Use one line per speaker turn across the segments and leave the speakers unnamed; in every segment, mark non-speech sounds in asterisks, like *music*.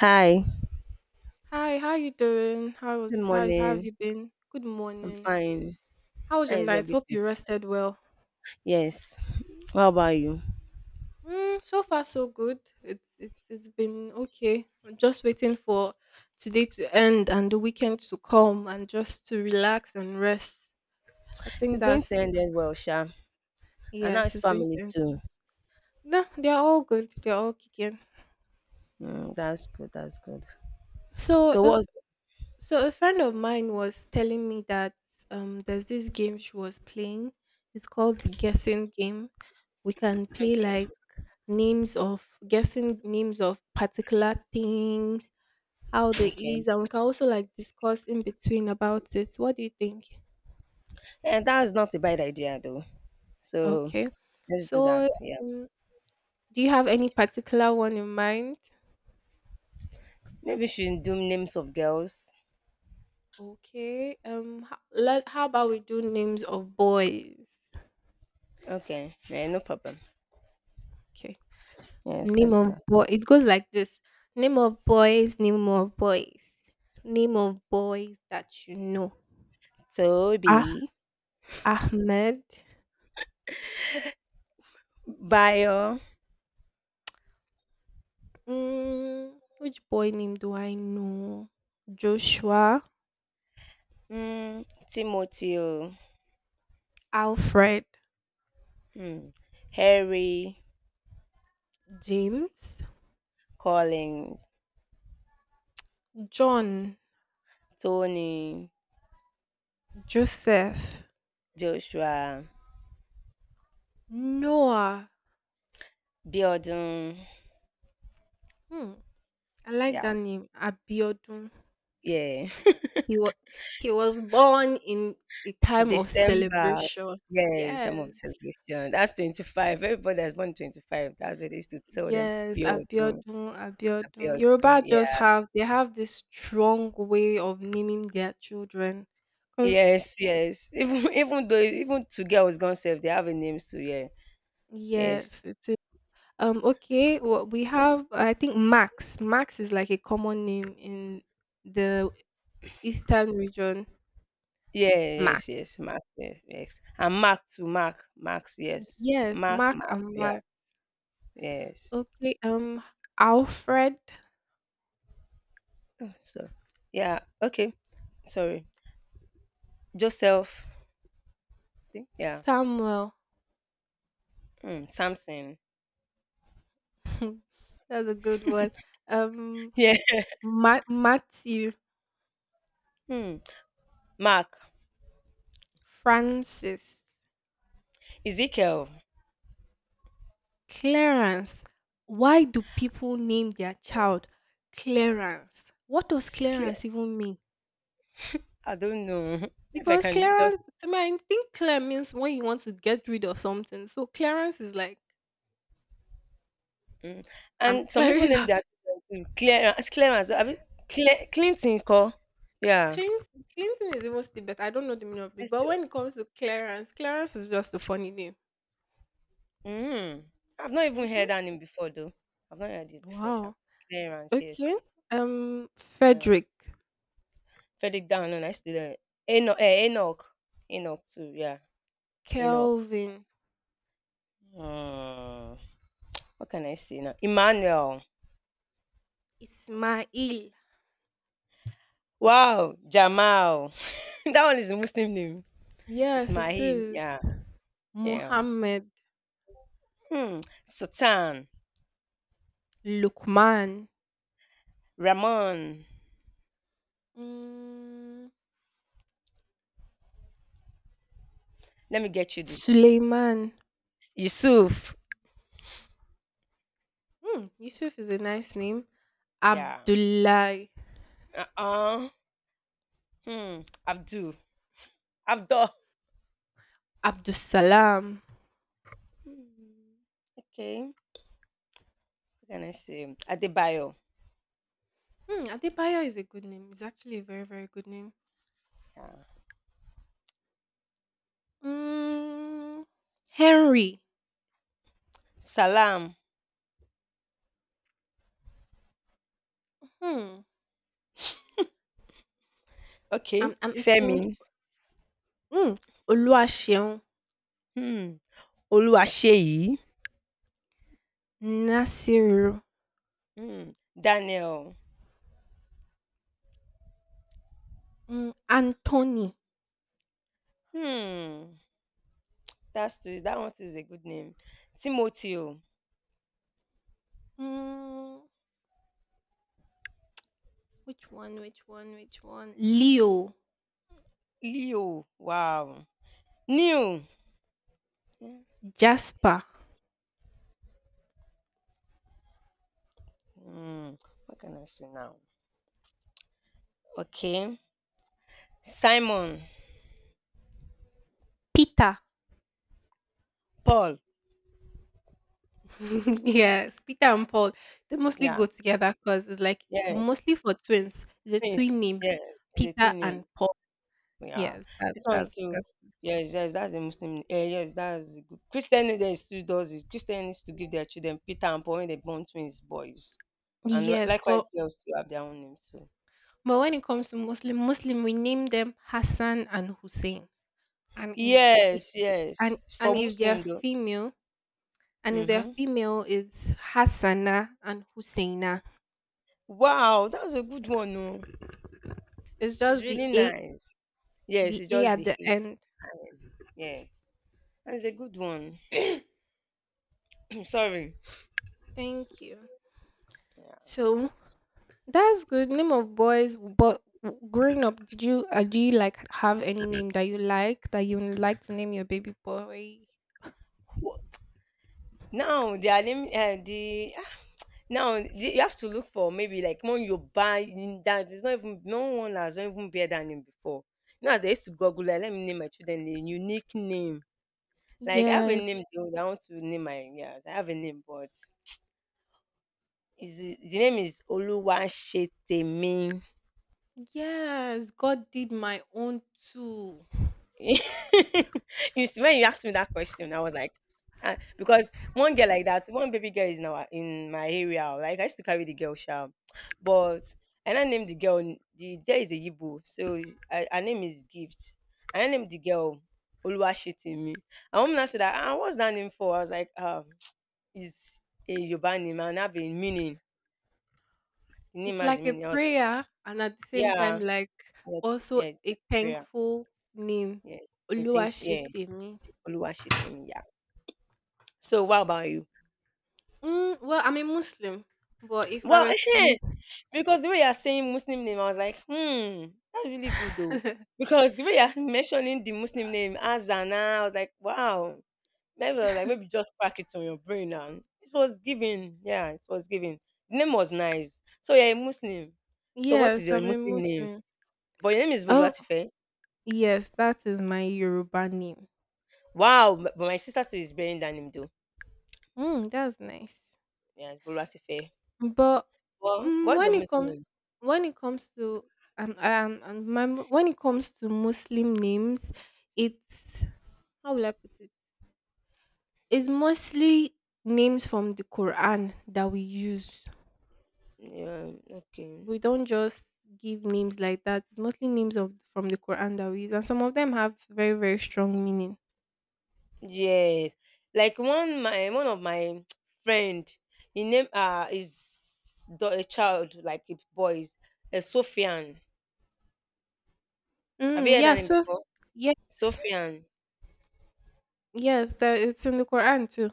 Hi,
Hi, how you doing? How
good
was how, how have
morning.
you been? Good
I'm
morning.
fine.
How was your
That is
night? Hope
everything.
you rested well.
Yes. How about you?
So far so good. It's been okay. I'm just waiting for today to end and the weekend to come and just to relax and rest. I think
It's going to
that's
end it well, Sha. And now
Yes,
it's
it's going
family
to end
too.
soon. No, they're all good. They're all kicking.
Mm, that's good. That's good.
So
So
if
what's
so a friend of mine was telling me that there's this game she was playing. It's called the guessing game. We can play
okay?
like names of particular things, how they
Okay.
is, and we can also like discuss in between about it. What do you think?
And that's not a bad idea though. So
Okay.
let's do that.
So,
Yeah.
um, do you have any particular one in mind?
Maybe we should do names of girls.
Okay. Ho- let How about we do names of boys?
Okay. Yeah, no problem.
Okay.
Yes,
Name
let's do
of
that.
boy. It goes like this. Name of boys. Name of boys. Name of boys that you know. Ah,
Toby,
Ahmed.
Bio,
Which boy name do I know? Joshua,
Timothy, oh,
Alfred,
mm, Harry,
James,
Collins.
John,
Tony,
Joseph,
Joshua,
Noah.
Bjorn,
Hmm, I like that
yeah,
name. Abiodun.
yeah,
He was he was born in a
*laughs*
time of
December.
celebration.
Yes,
Yes,
I'm of celebration. That's 25. Everybody that's born 25, that's what they used to tell them.
yes,
Bjorn, Bjorn,
Abiodun, Abiodun. Yoruba just
yeah.
have they have this strong way of naming their children. Cause,
Yes, yes. Even *laughs* even though even two girls gone safe, they have a name too, yeah.
yes,
Yes.
it's... Okay, well, we have, I think, Max. Max is like a common name in the eastern region.
Yeah,
Mac.
yes, yes. Mark, yes, yes. And Mark to Mark. Max, yes.
Yes,
Mark,
Mark
Mark,
and
yeah,
Max.
yes.
Okay. Alfred.
Oh, so yeah, okay. Sorry. Joseph. See? Yeah.
Samuel.
Mm, Samson.
*laughs* That's a good one. Um
Yeah. *laughs*
Matthew.
Mm, Mark.
Francis.
Ezekiel.
Clarence. Why do people name their child Clarence? What does
It's clear.
Clarence even mean?
I don't know *laughs* if I
Because
can just.
clearance to me, I think clear means when you want to get rid of something. So clearance is like
Mm.
I'm *laughs*
And some people
clearing it
name
up. *laughs*
their children too. Clearance. Clearance. I mean, Clinton call. Yeah.
Cleansing, cleansing is even still better. I don't know the meaning of it,
It's-
but when it comes to clearance, clearance is just a funny name.
Mm. I've not even
Hmm.
heard that name before, though. I've not heard it before, Sha.
Wow.
Clearance,
Okay.
yes. Um,
Frederick,
Frederick Downland, I still don't. Enoch, Enoch. Enoch, too, yeah. Enoch.
Kelvin,
Mm. What can I say now? Emmanuel.
Ismail.
Wow! Jamal. *laughs* That one is a Muslim name.
Yes, it
Ismail,
is.
yeah, yeah.
Mohammed,
Hmm, Sultan,
Lukman,
Ramon.
mm,
Let me get you this.
Suleiman.
Yusuf,
Yusuf is a nice name.
yeah.
Abdullah.
Uh-uh. Hmm, Abdul. Abdul.
Abdus Salam.
Hmm, okay. What can I say? Adebayo.
Adebayo is a good name. It's actually a very, very good name.
Yeah.
Mm, Henry.
Salam.
Hmm. I'm,
Okay.
I'm thinking.
Femi.
Mm, Oluwaseun.
Hmm. Oluwaseyi.
Nasiru.
Hmm. Daniel.
Anthony.
Hmm. That's too, that one too is a good name. Timothy.
Mm, which one? Which one? Which one? Leo.
Leo. Wow. New.
Jasper.
Hmm. What can I say now? Okay. Simon.
Peter.
Paul.
*laughs* Yes, Peter and Paul. They mostly
Yeah.
go together because it's like
Yeah.
mostly for twins. The
Twins.
twin name,
Yeah. It's a
Peter
twin name.
and Paul.
Yeah.
Yes, that's
This one
that's
too. Yes, yes, that's the Muslim. Yes, that's the good. Christian name they still does it. Christian needs to give their children Peter and Paul when they born twins boys. And
Yes,
likewise
but
girls too have their own name too.
but when it comes to Muslim, we name them Hassan and Hussein, and if it, it,
Yes,
and
yes. For
and if they're
Muslim though.
female, and if they're
Mm-hmm.
female, it's Hassana and Husaina.
Wow, that's a good one. Oh.
It's
It's
just the
really
a
nice. Yes,
the
it's
a
just
at
the
the
hay.
end.
Yeah, that's a good one. *clears throat* Sorry.
*clears throat* Thank you.
Yeah.
So that's good. Name of boys, but growing up, did you do you like have any name that you like that you would like to name your baby boy?
Wh- Now they are name *tsk* you have to look for maybe like when you buy in that it's not even no one has even bear that name before. Now they used to Google like, let me name my children a unique name. Like I have a
Yes,
name though. I want to name my yes. I have a name but is the name is Oluwasetemin.
yes. God did my own too.
*laughs* you when you asked me that question, I was like, because one girl like that, one baby girl is now in my area. Like I used to carry the girl shout, but and I named the girl. There is a Yibo, so I, her name is Gift. And I named the girl Oluwashitimi. And woman now said that, ah, what's that name for? I was like, *tsk* it's a Yoruba name and have a meaning. The name
It's
has a
like a
meaning. I was like,
prayer and at the same time
yeah,
like
yeah,
also
yeah, it's
a
like prayer.
thankful name.
Yes, I think yeah,
Oluwaṣetemi.
Oluwashitimi. Yeah. So what about you?
Well, I'm a Muslim, but if I
Well,
were to
*laughs* because the way you're saying Muslim name, I was like, hmm, that's really good though.
*laughs*
Because the way you're *laughs* mentioning the Muslim name Azana, I was like, wow. Maybe I was like, maybe just crack it on your brain now. It was given. Yeah, it was given. The name was nice. So you're a Muslim. So what is
Yes,
your
I'm a
Muslim name?
Muslim.
But your name is
Oh,
Bolwatife.
yes, that is my Yoruba name.
Wow, but my sister too is bearing that name though.
Mm, that's nice.
Yeah, it's Bolwatife.
But
Well, what's your
when it
Muslim
comes...
name?
when it comes to when it comes to Muslim names, it's... how will I put it? It's mostly names from the Quran that we use.
Yeah, okay.
We don't just give names like that. It's mostly names of from the Quran that we use, and some of them have very, very strong meaning.
Yes. Like one of my *tsk* friend, he name is a child like a boys, a Sophian. Have you
Mm,
heard
yeah.
that name
So
before?
yes,
Sophian.
yes, that it's in the Quran too.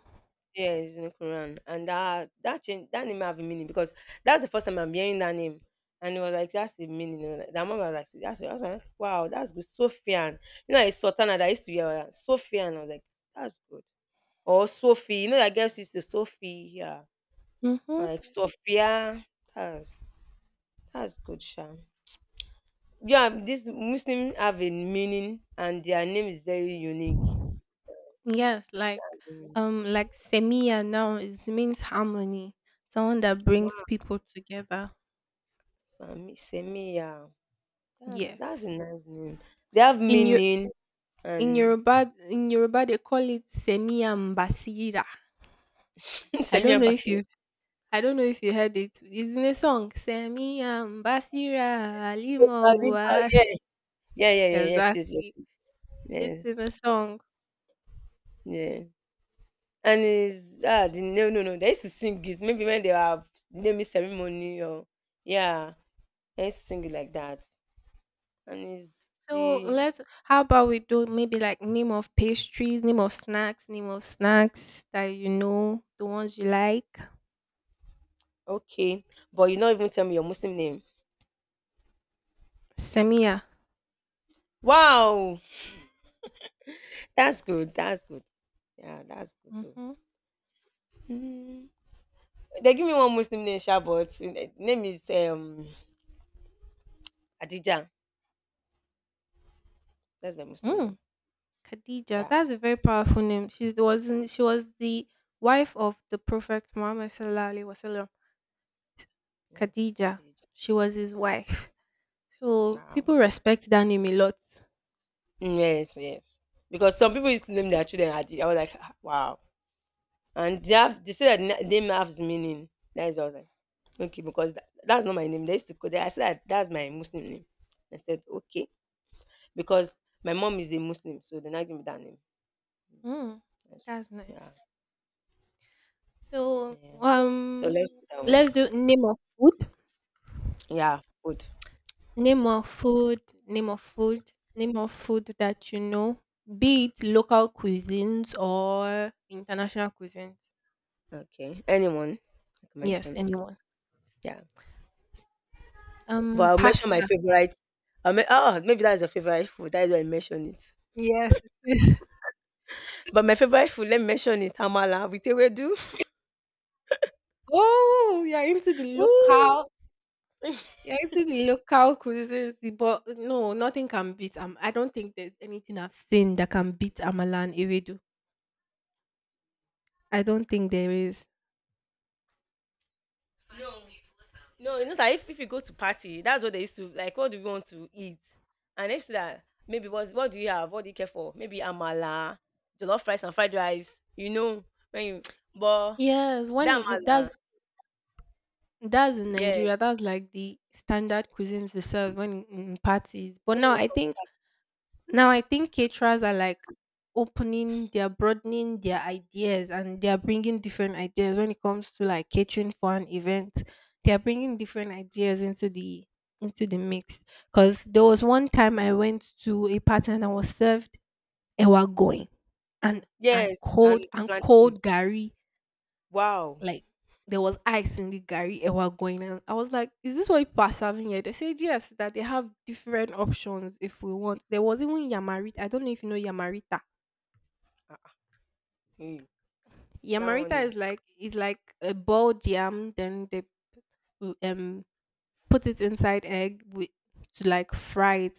Yes, in the Quran. And that that change that name have a meaning because that's the first time I'm hearing that name. And it was like that's the meaning. You know, like, that mom was like that's it." I was like, wow, that's good. Sophian. You know, it's Sultana that I used to hear Sophian. I was like, that's good. Or Sophie. You know, that girls used to Sophie. Yeah.
Mm-hmm.
Like Sophia. That's that's good, Sha. Yeah, this Muslim have a meaning and their name is very unique.
Yes,
Mm.
like semia now is means harmony, someone that brings
Wow,
people together.
Sami Semia. That's
Yes.
a nice name. They have
In your
meaning
in
and
Yoruba in Yoruba they call it semia mbasira.
*laughs*
I don't
Semia
know if
Basil.
you I don't know if you heard it. It's in a song. Semia Basira Alimowa.
Yeah,
*laughs*
yeah, yeah, yeah, yes, yes, yes,
Exactly. It's in
yes,
a song.
yeah. And is ah the no no no they used to sing it maybe when they have the naming ceremony or yeah they used to sing it like that and it's
So,
the
let's... how about we do maybe like name of pastries, name of snacks, that you know, the ones you like.
okay, but you not even tell me your Muslim name.
Semia.
Wow, that's good. That's good. Yeah, that's good though.
Mm-hmm.
Mm. They give me one Muslim name, sha, but eh, name is Adija. That's my Muslim
Mm.
name.
Khadija.
Yeah,
That's a very powerful name. She's the wasn't she was the wife of the Prophet Muhammad Sallallahu Alaihi Wasallam.
yes,
Khadija.
Adija.
She was his
Yeah,
wife. *laughs* So people
now
respect that name a lot.
yes, yes. Because some people used to name their children Adija. I was like, "Ah, wow, and they have they say that name has meaning. That's what I was like, okay, because that's not my name. They used to call that. I said that that's my Muslim name. I said okay. Because my mom is a Muslim, so they not give me that name.
Mm,
Yes.
that's
Yeah,
nice. So,
yeah. So let's do that one.
let's do name of food.
Yeah, food.
Name of food. Name of food. Name of food that you know, be it local cuisines or international cuisines.
Okay. Anyone? I can
Yes,
mention.
anyone.
Yeah. But I'll mention my
Pasta.
favorite. Oh, maybe that's your favorite food. That is why I mention it.
Yes, it is. *laughs*
But my favorite food, let me mention it. Amala with ewedu.
Oh, you're into the
*laughs*
local.
Ooh.
You're into the local cuisines, but no, nothing can beat. I don't think there's anything I've seen that can beat Amalan Ewedu. I don't think there is.
No, you know that if you go to party, that's what they used to like. What do you want to eat? And if so that maybe what do you have? What do you care for? Maybe amala, jollof rice, and fried rice. You know when you but
Yes, when
that
in-
amala,
that's in
yes.
Nigeria, that's like the standard cuisines we serve when in parties. But
When
now
it
I
comes to
think
party,
now I think caterers are like opening, they are broadening their ideas, and they are bringing different ideas when it comes to like catering for an event. They are bringing different ideas into the mix. Cause there was one time I went to a party and I was served ewa going and
yes, and
cold and
plantain.
cold gari.
Wow,
Like, there was ice in the Gary Ewa going on. I was like, is this what people are serving here? They said yes, that they have different options if we want. There was even Yamarita. I don't know if you know Yamarita.
Ah, ah, hmm, that one
Yamarita is
is
like... a boiled yam, then they w- um put it inside egg with to like fry it.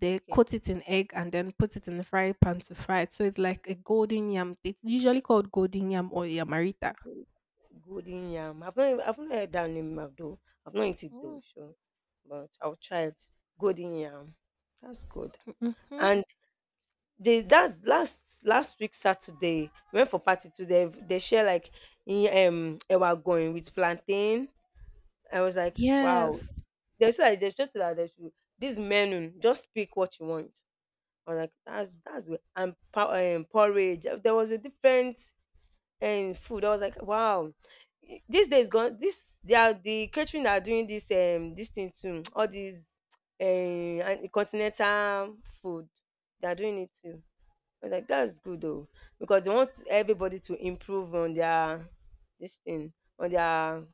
They
okay.
coat it in egg and then put it in the fry pan to fry it. So it's like a golden yam. It's usually called golden yam or yamarita.
Golden yam. I've not heard that name of though. I've not eaten it though, sure, but I'll try it. Golden yam. That's good.
Mm-hmm.
And the that's last last week Saturday we went for party too. They share like in ewa going with plantain. I was like, wow.
Yes.
They said like, they just said that they should this menu just pick what you want. I was like, that's good. And porridge. There was a different food. I was like, wow. This day is gone. This they are the catering are doing this this thing too. *tsk* All these um continental food. They are doing it too. But like that's good though, because they want everybody to improve on their this thing, on their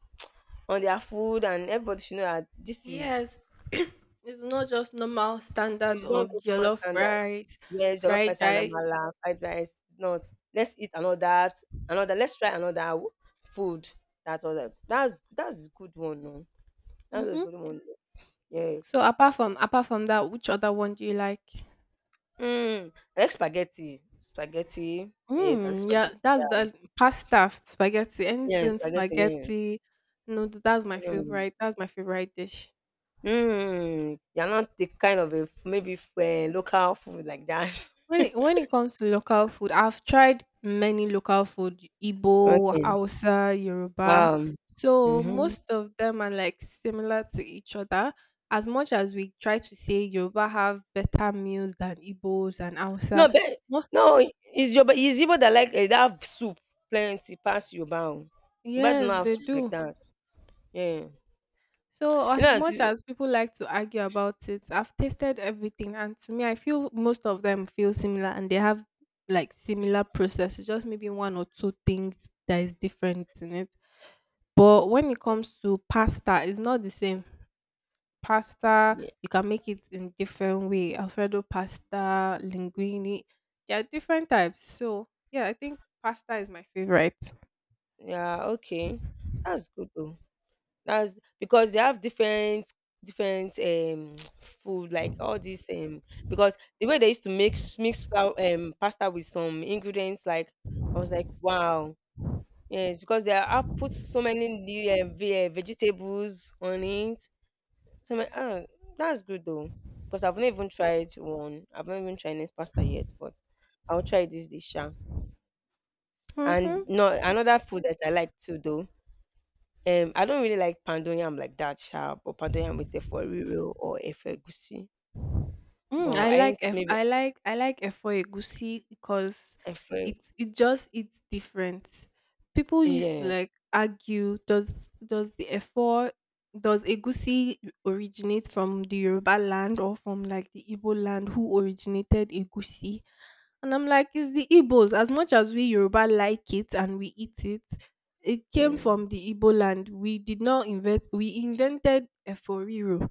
on their food, and everybody should know that this
Yes,
is
*clears throat* it's not just normal standard
it's not
of
just normal
jollof
standard.
rice,
Yes, jollof
fried
rice and
rice.
amala, fried rice. It's not. Let's eat another, another. Let's try another food. That's all. That's a good one. No, that's a
Hmm.
good one. Yeah.
So, apart from that, which other one do you like?
Mm. I like spaghetti. Spaghetti. Yes, I like
Mm, yeah,
spaghetti.
that's
Yeah.
the pasta, spaghetti,
Yeah,
anything
spaghetti.
spaghetti. No, that's my
Yeah. Mm.
favorite. That's my favorite dish.
Mm, you're not the kind of a local food like that. *laughs*
When it comes to local food, I've tried many local food, Igbo,
Okay.
Hausa, Yoruba.
Wow.
So
Mm-hmm.
most of them are like similar to each other. As much as we try to say Yoruba have better meals than Igbos and Hausa,
No, but
mo-
no, is your is Igbo that like that have soup plenty pass your bound. But do
yes,
not have
they
soup like
do.
that. Yeah.
So
You
as
know,
much
it's-
as people like to argue about it, I've tasted everything, and to me, I feel most of them feel similar, and they have like similar processes. Just maybe one or two things that is different in it. But when it comes to pasta, it's not the same. Pasta,
yeah,
you can make it in different way. Alfredo pasta, linguine. There are different types. So yeah, I think pasta is my favorite.
yeah, okay. That's good though. That's because they have different different *tsk* food like all this because the way they used to mix flour pasta with some ingredients like I was like wow. Yes, because they have put so many new vegetables on it. So my, ah, that's good though. Because I've not even tried one. I've not even tried this pasta yet, but I'll try this dish. Sha.
Hmm.
And no, another food that I like too though. I don't really like pandoyam like that sharp, or pandoyam with a foriro or a fergusi.
I
But I
like
ain't
F
maybe
I like efo egusi because
a fer-
it's it just it's different. People used to
yes,
like argue, does egusi originate from the Yoruba land or from like the Igbo land, who originated egusi? And I'm like, it's the Igbos. As much as we Yoruba like it and we eat it, it came
mm,
from the Igbo land. We did not invent We invented efo riro,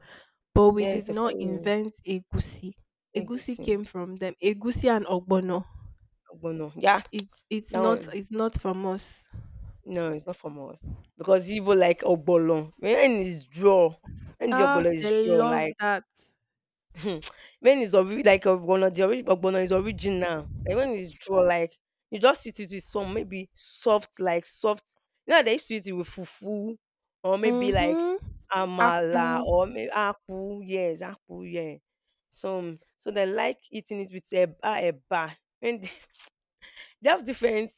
but we did
yes, a
not
foriro,
invent egusi. Egusi
egusi,
came from them. Egusi and ogbono.
ogbono. Yeah,
It it's
that
not
one.
it's not from us.
No, it's not from us because Igbo like ogbono. When it's draw, when the
Ah,
ogbono is
they
draw,
love
like
that.
*laughs* when like ogbono, the ogbono is original. Like when it's draw, like you just eat it with some maybe soft, like soft. You know, how they used to eat it with fufu or maybe like
Mhm. Akpu.
amala or maybe akpu. Yes, akpu. Yeah. So so they like eating it with eba. When they have different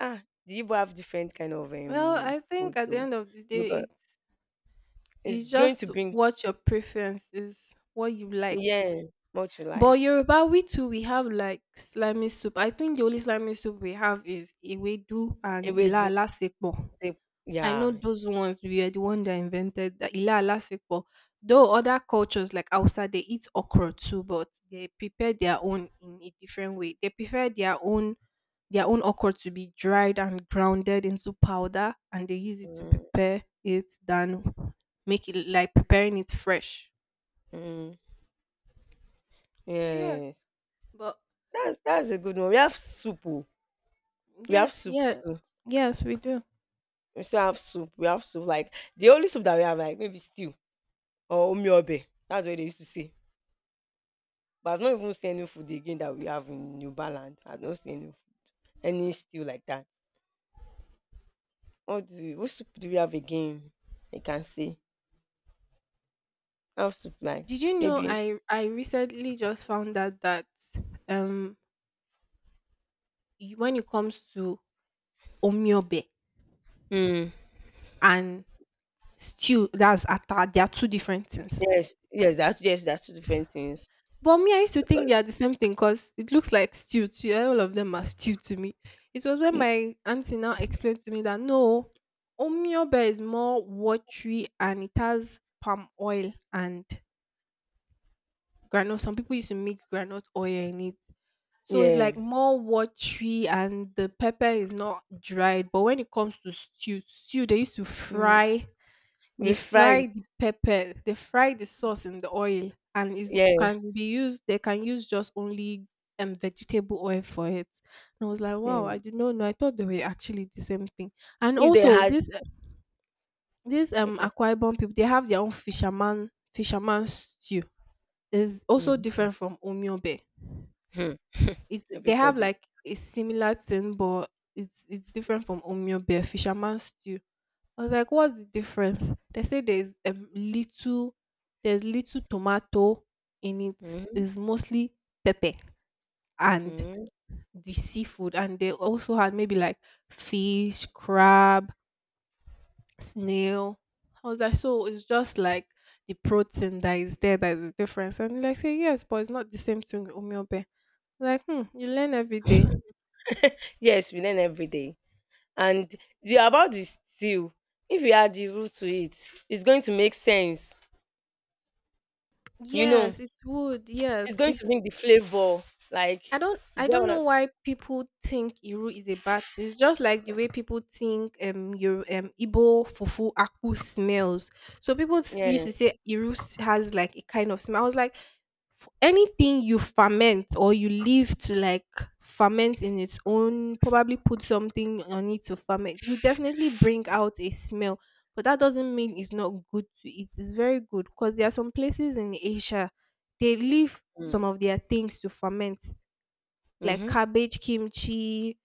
ah, the Igbo have different kind of
Well, I think
food
at the
though.
end of the day,
Because
it's
it's
it's
going to
just
bring
what your preference is, what you like.
yeah, what you like.
But Yoruba, we too, we have like slimy soup. I think the only slimy soup we have is ewedu and Ila
Ewedu,
Alasepo.
se-
I know
yeah.
those ones we are the one that invented the Ila Alasekpo. Though other cultures like Hausa, they eat okra too, but they prepare their own in a different way. They prefer their own okra to be dried and grounded into powder, and they use it to
Mm,
prepare it than make it like preparing it fresh.
mm,
So yes,
yes.
but
That's a good one. We have soup. Oh. We have
yes,
soup
yeah,
too.
yes, we do.
We still have soup. We have soup. Like the only soup that we have, like maybe stew or omiobe. That's what they used to say. But I've not even seen any food again that we have in New Balance. I've not seen any stew like that. What soup do we have again? I can say. How soup like
Did you know
maybe
I recently just found out that um when it comes to omiobe
mm.
and stew, that's atta. They are two different things.
Yes, yes, that's two different things.
But me, I used to
Because-
think they are the same thing because it looks like stew. To you. All of them are stew to me. It was when
mm,
my auntie now explained to me that no, omiobe is more watery and it has palm oil and granite. Some people used to mix granite oil in it. So it's
yeah.
like more watery and the pepper is not dried. But when it comes to stew, they used to
Mm.
fry... They
We fry
fry
it.
the pepper, they fry the sauce in the oil, and is
Yeah.
can be used they can use just only vegetable oil for it. And I was like, wow, I
Mm.
did not know. No, I thought they were actually the same thing. And
If they
also
had
this
okay.
Akwa Ibom people, they have their own fisherman stew. It's also
Mm-hmm.
different from Omiobe.
*laughs*
It's They have
Everybody.
like a similar thing, but it's different from Omiobe, fisherman stew. I was like, "What's the difference?" They say there's... there's little tomato in it.
Mm-hmm.
It's mostly pepper and
Mm-hmm.
the seafood, and they also had maybe like fish, crab, snail. I was like, so it's just like the protein that is there that is the difference. And like, say yes, but it's not the same thing with omiobe. Like, you learn every day.
Yes, we learn every day. And the about the stew, if you add the root to it, it's going to make sense. You know,
Yes, it would.
it's
Yes,
going to
it
bring the flavor. Like
I don't
you
I
get
don't
what
know
I
why people think Iru is a bad thing. It's just like the way people think your Igbo fufu akpu smells. So people used
yeah.
to say Iru has like a kind of smell. I was like, anything you ferment or you leave to like ferment in its own, probably put something on it to ferment, it will definitely bring out a smell, but that doesn't mean it's not good to eat. It's very good, because there are some places in Asia, they leave some of their things to ferment, like
Mm-hmm.
cabbage, kimchi,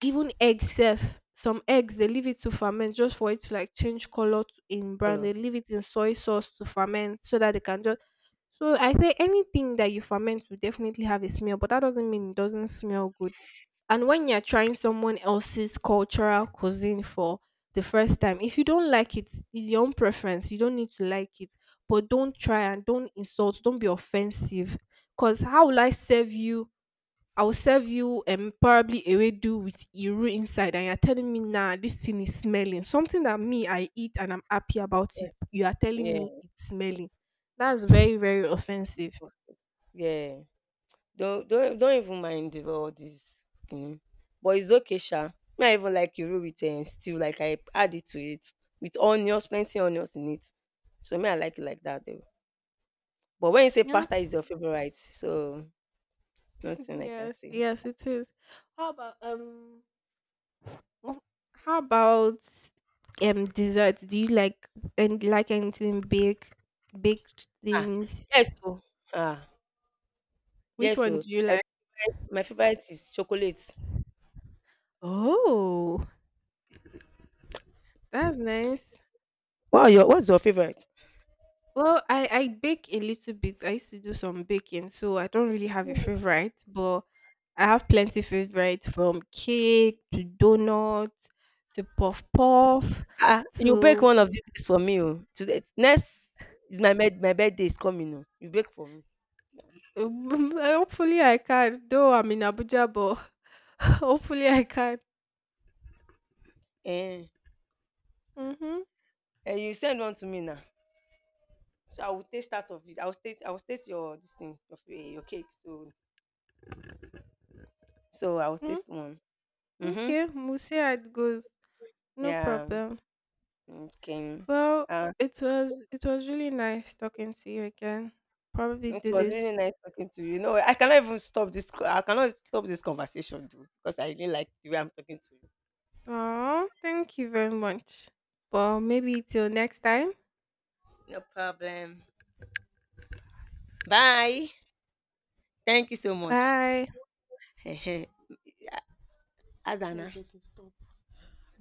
even eggs sef. Some eggs they leave it to ferment just for it to like change color in brown. They
Hello.
leave it in soy sauce to ferment so that they can just... So I say anything that you ferment will definitely have a smell, but that doesn't mean it doesn't smell good. And when you're trying someone else's cultural cuisine for the first time, if you don't like it, it's your own preference. You don't need to like it, but don't try and don't insult. Don't be offensive. Cause how will I serve you I'll serve you probably ewedu with iru inside, and you're telling me, nah, this thing is smelling. Something that me I eat and I'm happy about it, you are telling me
Yeah.
it's smelling. That's very, very offensive.
Yeah. Don't even mind about all this, you know. But it's okay, sha. Me, I even like Iru with stew. Like I add it to it with onions, plenty onions in it. So me, I like it like that though. But when you say
Yeah.
pasta
*laughs*
is your favorite, so nothing I can
Yes.
say.
Yes, it is. How about um? Oh, how about desserts? Do you like, and like, anything baked,
Ah,
things?
yes, so ah,
Which
yes,
one
so
do you
like,
like?
my favorite is chocolate.
Oh, that's nice.
Wow, your what's your favorite?
Well, I bake a little bit. I used to do some baking, so I don't really have a favorite, but I have plenty favorites from cake to donuts to puff puff
Ah, you bake
to
one of these days for me. Oh, today next is my birthday is coming. Oh, you bake for me.
*laughs* hopefully I can. Though I'm in Abuja, but *laughs* hopefully I can.
Eh,
Mhm.
and you send one to me now. So I will taste out of it. I will taste. I will taste your this thing of your, your cake. So so I will
Mm,
taste one. Mhm.
okay, we'll see how it goes. No
Yeah.
problem.
Okay.
Well,
Uh,
it was really nice talking to you again. Probably
it
do
was really
this
nice talking to you. No, I cannot even stop this. I cannot stop this conversation, though, because I really like the way I'm talking to you.
Oh, thank you very much. Well, maybe till next time.
No problem. Bye. Thank you so much.
Bye.
*laughs* Azana.